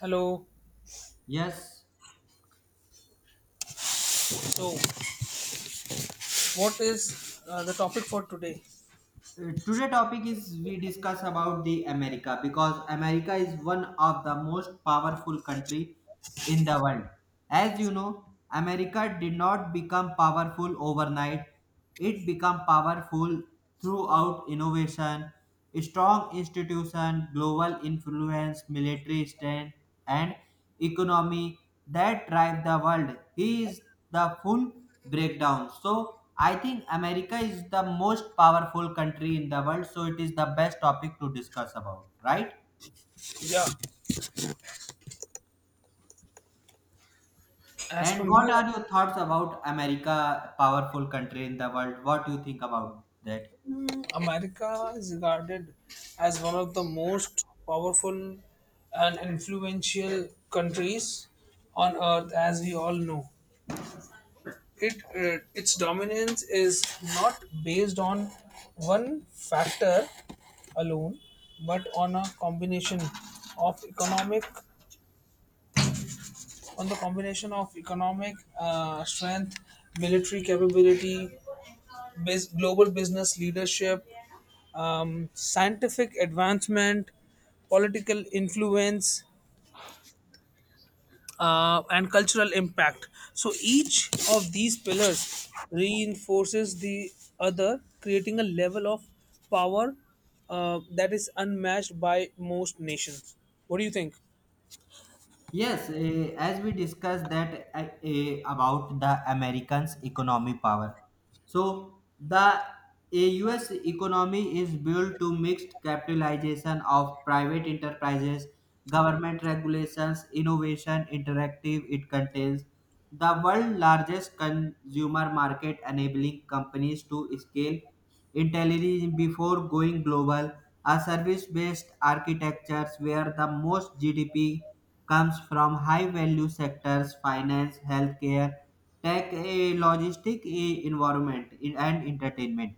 Hello. Yes, So, what is the topic for today? Today topic is we discuss about the America because America is one of the most powerful country in the world. As you know, America did not become powerful overnight. It became powerful throughout innovation, strong institution, global influence, military strength, and economy that drive the world. He is the full breakdown. So I think America is the most powerful country in the world. So it is the best topic to discuss about, right? Yeah, as And per what me, are your thoughts about America, powerful country in the world? What do you think about that? America is regarded as one of the most powerful and influential countries on earth, as we all know. It its dominance is not based on one factor alone, but of economic, on the combination of economic strength, military capability, global business leadership, scientific advancement, political influence, and cultural impact. So each of these pillars reinforces the other, creating a level of power that is unmatched by most nations. What do you think? Yes, as we discussed that about the Americans' economy power. So the U.S. economy is built to mixed capitalization of private enterprises, government regulations, innovation, interactive. It contains the world's largest consumer market, enabling companies to scale intelligently before going global. A service-based architectures where the most GDP comes from high value sectors finance, healthcare, tech, logistics, environment, and entertainment.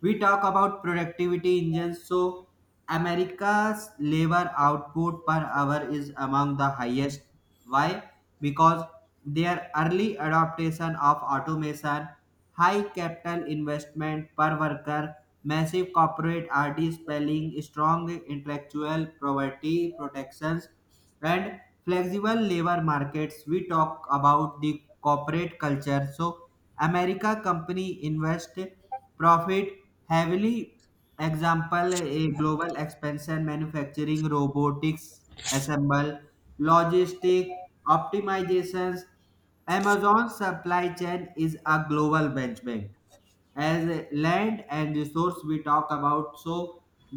We talk about productivity engines. So America's labor output per hour is among the highest. Why? Because their early adoption of automation, high capital investment per worker, massive corporate RD spelling, strong intellectual property protections, and flexible labor markets. We talk about the corporate culture. So america company invest profit heavily. Example, a global expansion manufacturing robotics assemble logistic optimizations. Amazon supply chain is a global benchmark. As a land and resource, we talk about. So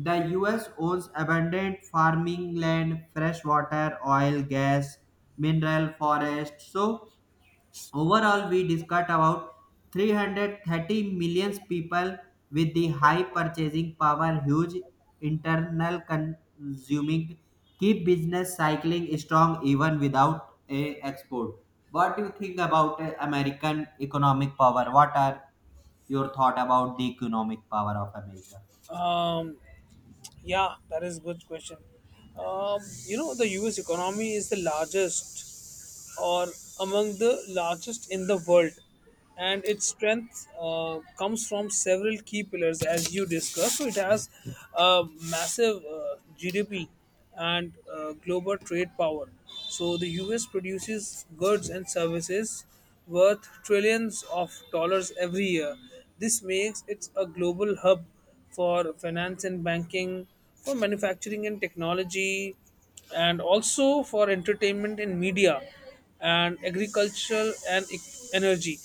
the us owns abundant farming land, fresh water, oil, gas, mineral forest. So overall, we discussed about 330 million people with the high purchasing power, huge internal consuming, keep business cycling strong even without a export. What do you think about American economic power? What are your thought about the economic power of America? Um, Yeah, that is good question. Um, the US economy is the largest or among the largest in the world, and its strength comes from several key pillars, as you discussed. So it has a massive GDP and global trade power. So the US produces goods and services worth trillions of dollars every year. This makes it a global hub for finance and banking, for manufacturing and technology, and also for entertainment in media and agricultural and energy.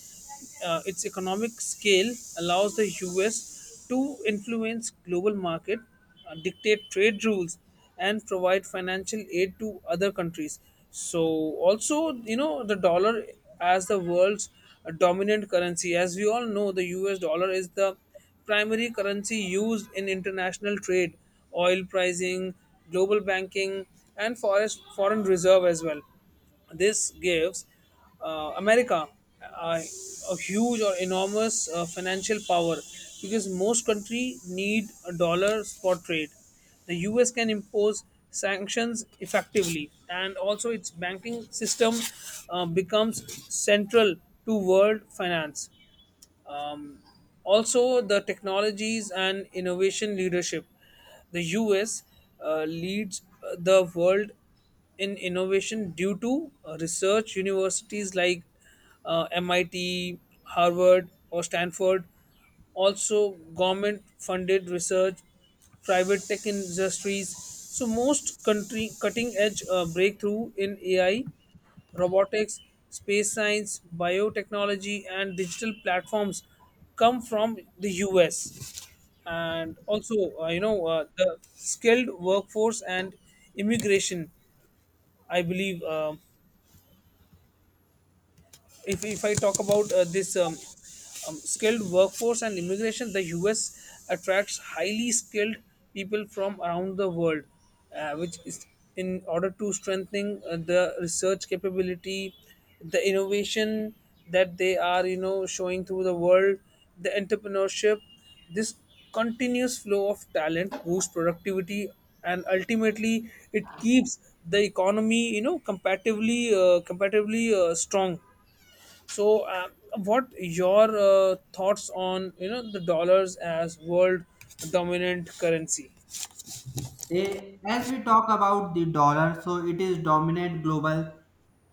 Its economic scale allows the US to influence global market, dictate trade rules, and provide financial aid to other countries. So also, the dollar as the world's dominant currency. As we all know, the US dollar is the primary currency used in international trade, oil pricing, global banking, and forest, foreign reserve as well. This gives America uh, a huge or enormous financial power because most country need dollars for trade. The US can impose sanctions effectively, and also its banking system becomes central to world finance. Um, Also, the technologies and innovation leadership. The US leads the world in innovation due to research universities like MIT, Harvard, or Stanford. Also, government funded research, private tech industries. So, most country cutting edge breakthrough in AI, Robotics, space science, biotechnology, and digital platforms come from the US. And also, the skilled workforce and immigration, I believe. If I talk about this skilled workforce and immigration, the US attracts highly skilled people from around the world, which is in order to strengthening the research capability, the innovation that they are showing through the world, the entrepreneurship. This continuous flow of talent boosts productivity and ultimately it keeps the economy comparatively strong. So, what your thoughts on the dollars as world dominant currency? As we talk about the dollar, so it is dominant global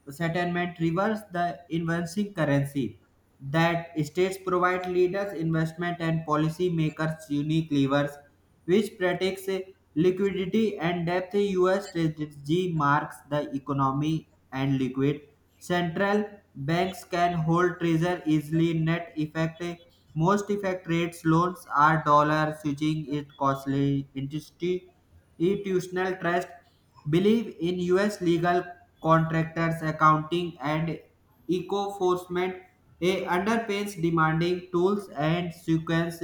settlement reverse the inversing currency that states provide leaders, investment and policy makers unique levers which protects liquidity and depth. U.S. strategy marks the economy and liquid. Central banks can hold treasure easily. Net effect most effect rates loans are dollar switching is costly. Institutional trust believe in U.S. legal contractors, accounting and eco enforcement. A underpays demanding tools and sequence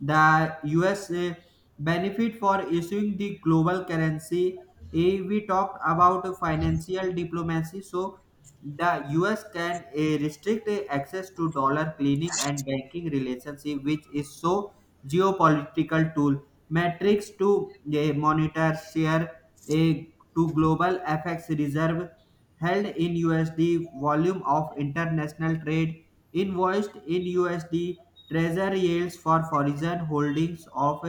the USA benefit for issuing the global currency. We talked about financial diplomacy. So the US can restrict access to dollar cleaning and banking relationship, which is so geopolitical tool. Metrics to monitor share a to global FX reserve held in USD, volume of international trade, invoiced in USD, treasury yields for foreign holdings of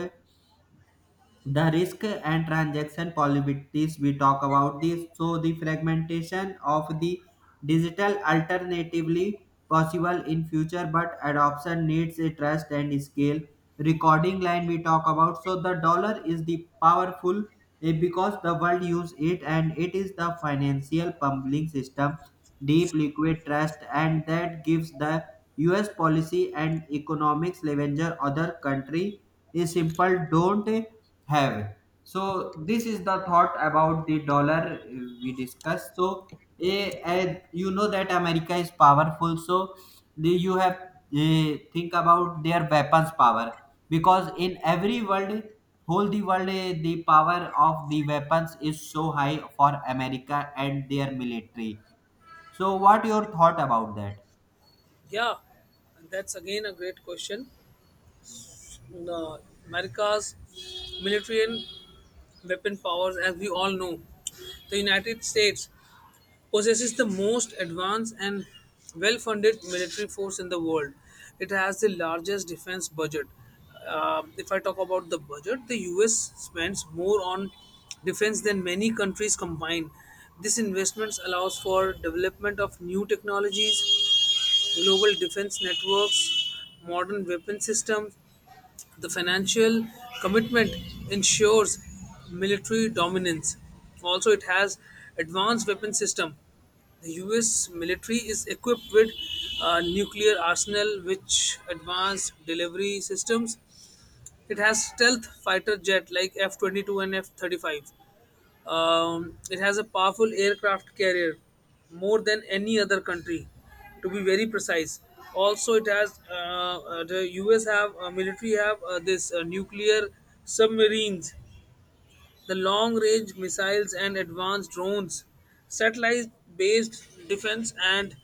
the risk and transaction probabilities. We talk about this. So the fragmentation of the digital alternatively possible in future, but adoption needs a trust and scale recording line. We talk about. So the dollar is the powerful because the world use it, and it is the financial pumping system, deep liquid trust, and that gives the us policy and economics leverage other country is simple don't have. So this is the thought about the dollar. We discussed. So you know that america is powerful. So you have think about their weapons power because in every world, whole the world, the power of the weapons is so high for america and their military. So what your thought about that? Yeah, that's again a great question. The America's military and weapon powers, as we all know, the United States possesses the most advanced and well funded military force in the world. It has the largest defense budget. If I talk about the budget, the US spends more on defense than many countries combined. This investments allows for development of new technologies, global defense networks, modern weapon systems. The financial commitment ensures military dominance. Also, it has advanced weapon system. The U.S. military is equipped with a nuclear arsenal, which advanced delivery systems. It has stealth fighter jet like F-22 and F-35. It has a powerful aircraft carrier, more than any other country, to be very precise. Also, it has the US have military have this nuclear submarines, the long range missiles and advanced drones, satellite based defense, and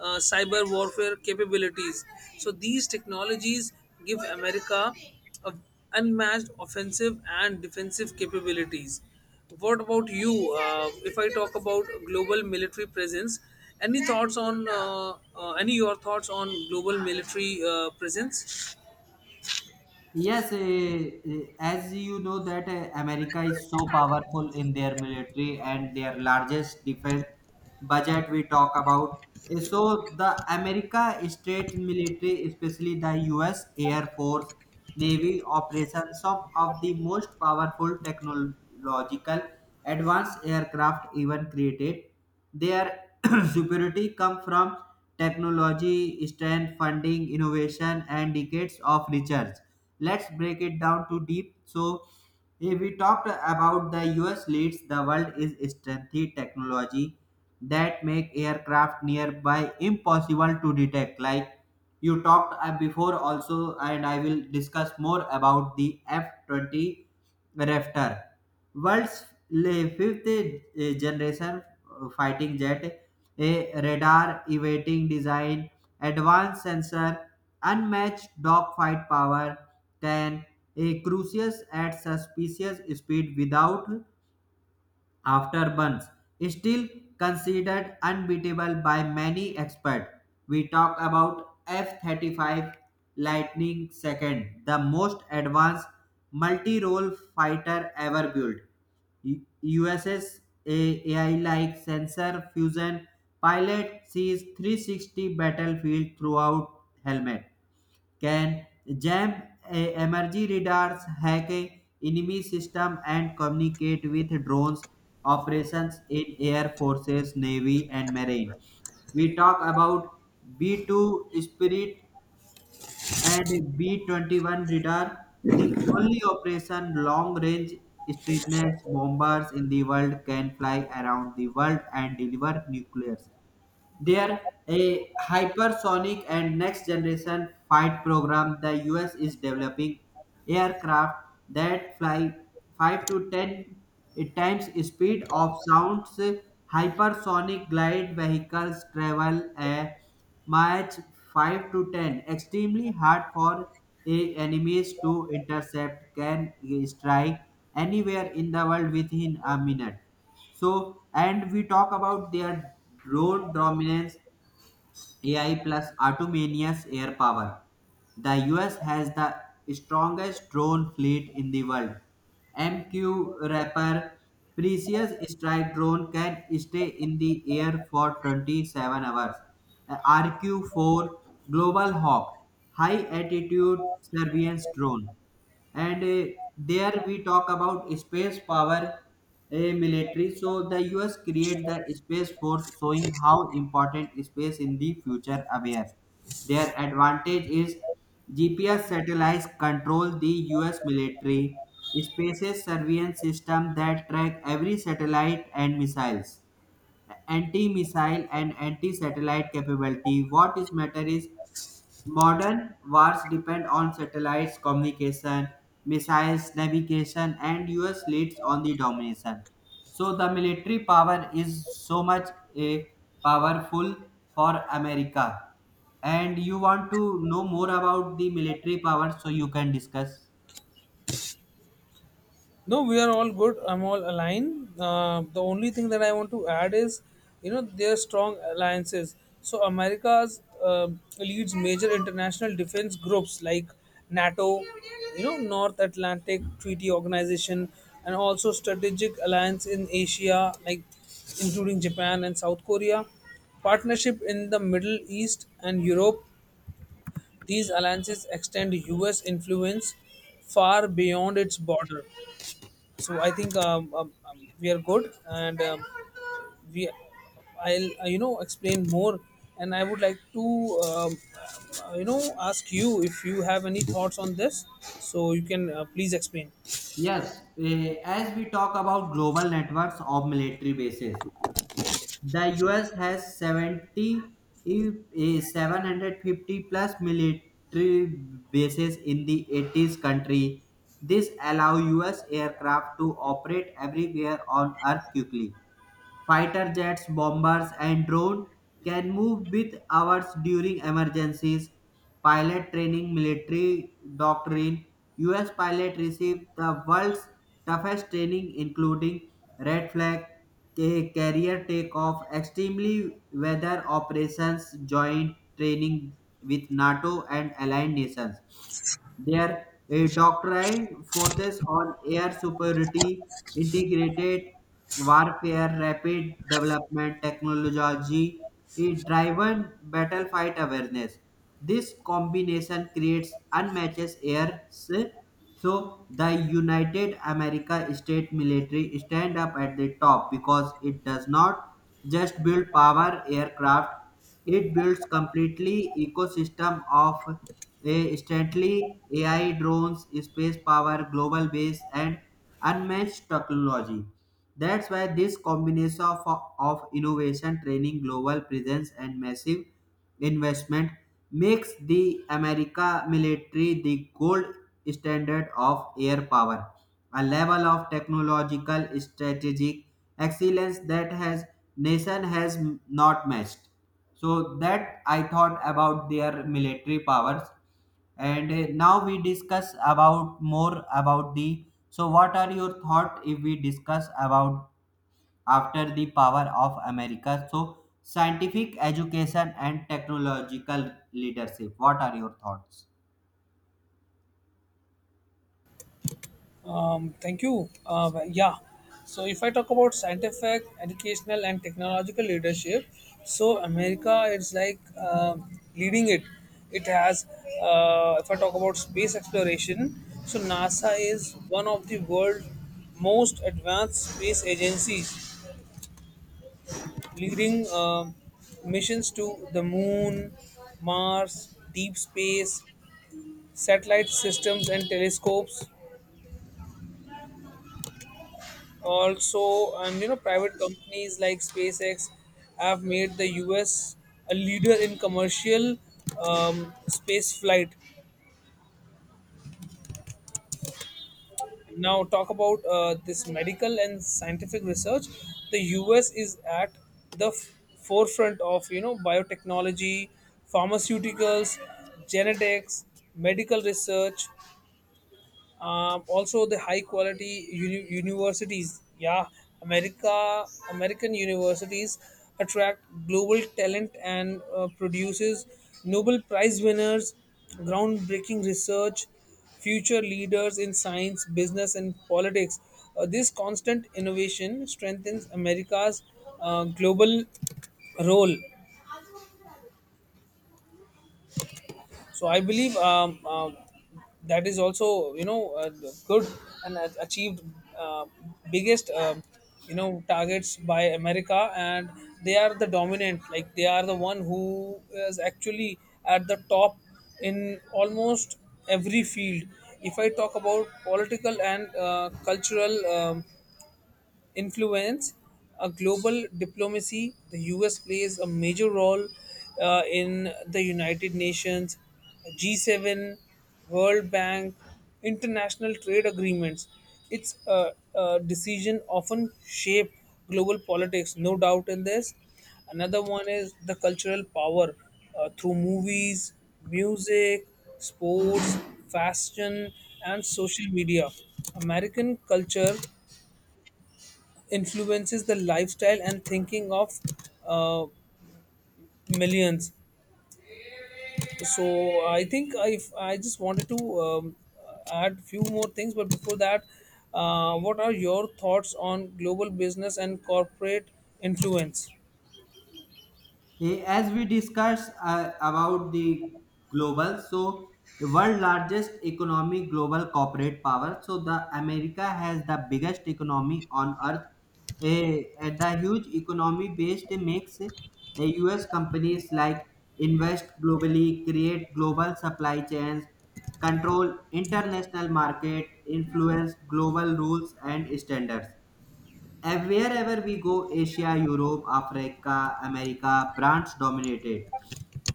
cyber warfare capabilities. So, these technologies give America a unmatched offensive and defensive capabilities. What about you? If I talk about global military presence, any your thoughts on global military presence? Yes, as you know that America is so powerful in their military and their largest defense budget we talk about. So the America state military, especially the U.S. Air Force, Navy operations, some of the most powerful technological advanced aircraft even created. Their superiority come from technology, strength, funding, innovation, and decades of research. Let's break it down to deep. So, if we talked about the US leads the world is strengthy technology that make aircraft nearby impossible to detect. Like you talked before also, and I will discuss more about the F 20 Raptor, world's fifth generation fighting jet, a radar evading design, advanced sensor, unmatched dogfight power, can a cruise at suspicious speed without after Burns, still considered unbeatable by many experts. We talk about F-35 Lightning II, the most advanced multi-role fighter ever built. USS AI-like sensor fusion pilot sees 360 battlefield throughout helmet can jam emergency radars, hack a enemy system, and communicate with drones operations in air forces, navy, and marine. We talk about B2 Spirit and B21 radar, the only operation long range strengthened bombers in the world can fly around the world and deliver nuclear there, a hypersonic and next generation fight program. The US is developing aircraft that fly 5 to 10 times speed of sounds. Hypersonic glide vehicles travel a March 5 to 10, extremely hard for a enemies to intercept, can strike anywhere in the world within a minute. So, and we talk about their drone dominance, AI plus autonomous air power. The US has the strongest drone fleet in the world. MQ Raptor Precious Strike drone can stay in the air for 27 hours. RQ4 Global Hawk High Altitude Surveillance Drone, and there we talk about space power, military. So the us create the space force, showing how important space in the future aware. Their advantage is gps satellites control the us military, spaces surveillance system that track every satellite and missiles, anti-missile and anti-satellite capability. What is matter is modern wars depend on satellites, communication, missiles, navigation, and US leads on the domination. So the military power is so much a powerful for America. And you want to know more about the military power, so you can discuss. No, we are all good. I'm all aligned. The only thing that I want to add is, their strong alliances. So America's leads major international defense groups like NATO, you know, North Atlantic Treaty Organization, and also strategic alliance in Asia, like including Japan and South Korea. Partnership in the Middle East and Europe. These alliances extend U.S. influence far beyond its border. So I think we are good, and we I'll explain more, and I would like to um, ask you if you have any thoughts on this, so you can please explain. Yes, as we talk about global networks of military bases, the US has 70, 750 plus military bases in the 80s country. This allows US aircraft to operate everywhere on Earth quickly. Fighter jets, bombers, and drones can move with hours during emergencies. Pilot training, military doctrine. US pilots received the world's toughest training, including red flag carrier takeoff, extremely weather operations, joint training with NATO and allied nations. Their doctrine forces on air superiority, integrated warfare, rapid development technology, driven battlefight awareness. This combination creates unmatched air. So the United America State military stand up at the top because it does not just build power aircraft, it builds completely ecosystem of a stately AI drones, space power, global base, and unmatched technology. That's why this combination of innovation, training, global presence, and massive investment makes the America military the gold standard of air power, a level of technological strategic excellence that has nation has not matched. So that I thought about their military powers, and now we discuss about more about the. So what are your thought if we discuss about after the power of America? So, scientific education and technological leadership. What are your thoughts? Thank you. Well, yeah. So if I talk about scientific, educational, and technological leadership, so America is like leading it. It has, if I talk about space exploration, so NASA is one of the world's most advanced space agencies, leading missions to the moon, Mars, deep space, satellite systems, and telescopes. Also, and private companies like SpaceX have made the US a leader in commercial space flight. Now talk about this medical and scientific research. The US is at the forefront of biotechnology, pharmaceuticals, genetics, medical research. Also, the high quality universities. Yeah, america American universities attract global talent and produces Nobel Prize winners, groundbreaking research, future leaders in science, business, and politics. This constant innovation strengthens America's global role. So I believe that is also good and achieved uh, biggest targets by America, and they are the dominant. Like they are the one who is actually at the top in almost every field. If I talk about political and cultural influence, a global diplomacy. The US plays a major role in the United Nations, G7, World Bank, international trade agreements. Its decision often shape global politics, no doubt in this. Another one is the cultural power through movies, music, sports, fashion, and social media. American culture influences the lifestyle and thinking of uh, millions. So I think if I just wanted to add few more things, but before that, what are your thoughts on global business and corporate influence? As we discussed about the global, so world largest economy, global corporate power. So the America has the biggest economy on earth. And the huge economy based makes U.S. companies like invest globally, create global supply chains, control international market, influence global rules and standards. And wherever we go, Asia, Europe, Africa, America, brands dominated.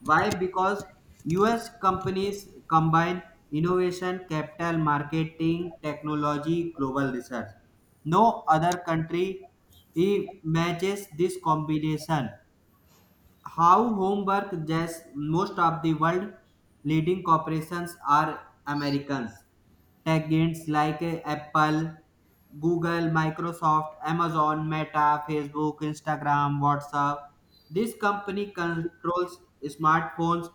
Why? Because US companies combine innovation, capital, marketing, technology, global research. No other country matches this combination how homework. Just most of the world leading corporations are americans tech giants like apple, google, microsoft, amazon, meta, facebook, instagram, whatsapp. This company controls smartphones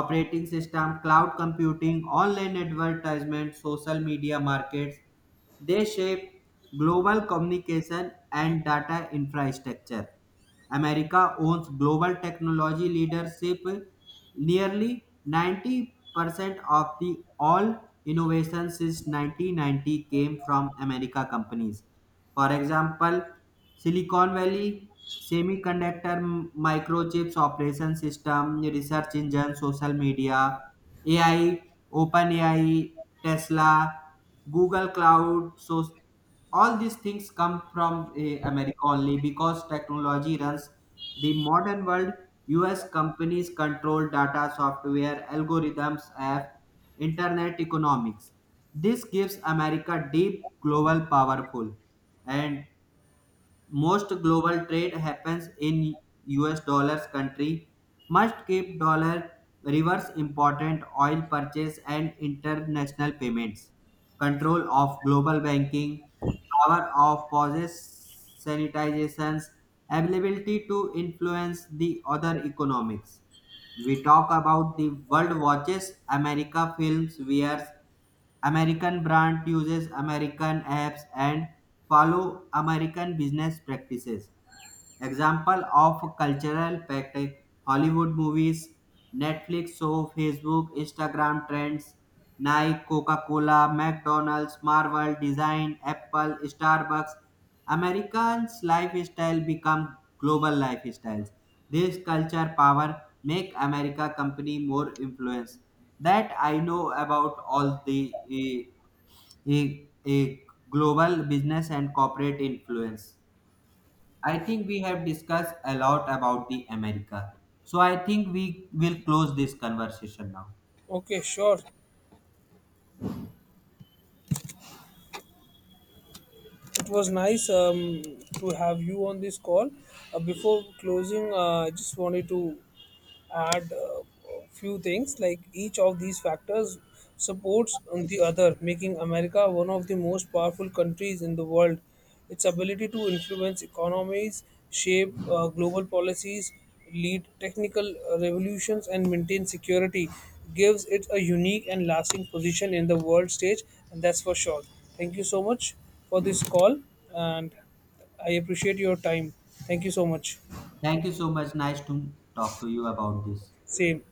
operating system, cloud computing, online advertisement, social media markets. They shape global communication and data infrastructure. America owns global technology leadership. Nearly 90% of the all innovations since 1990 came from America companies. For example, Silicon Valley semiconductor, microchips operation system, research engine, social media, AI, OpenAI, Tesla, Google Cloud. So all these things come from america only because technology runs the modern world. Us companies control data software algorithms have internet economics. This gives america deep global powerful. And most global trade happens in US dollars. Country must keep dollar reverse important oil purchase and international payments, control of global banking, power of possess sanitizations, ability to influence the other economics. We talk about the world watches America films, wears American brand, uses American apps, and follow American business practices. Example of cultural pact: Hollywood movies, Netflix show, Facebook, Instagram trends, Nike, Coca-Cola, McDonald's, Marvel, Design, Apple, Starbucks. Americans' lifestyle become global lifestyles. This culture power make America company more influence. That I know about all the eh, eh, global business and corporate influence. I think we have discussed a lot about the America. So I think we will close this conversation now. Okay, sure. It was nice to have you on this call. Before closing, I just wanted to add a few things. Like each of these factors supports on the other, making America one of the most powerful countries in the world. Its ability to influence economies, shape global policies, lead technical revolutions, and maintain security gives it a unique and lasting position in the world stage, and that's for sure. Thank you so much for this call, and I appreciate your time. Thank you so much. Thank you so much. Nice to talk to you about this. Same.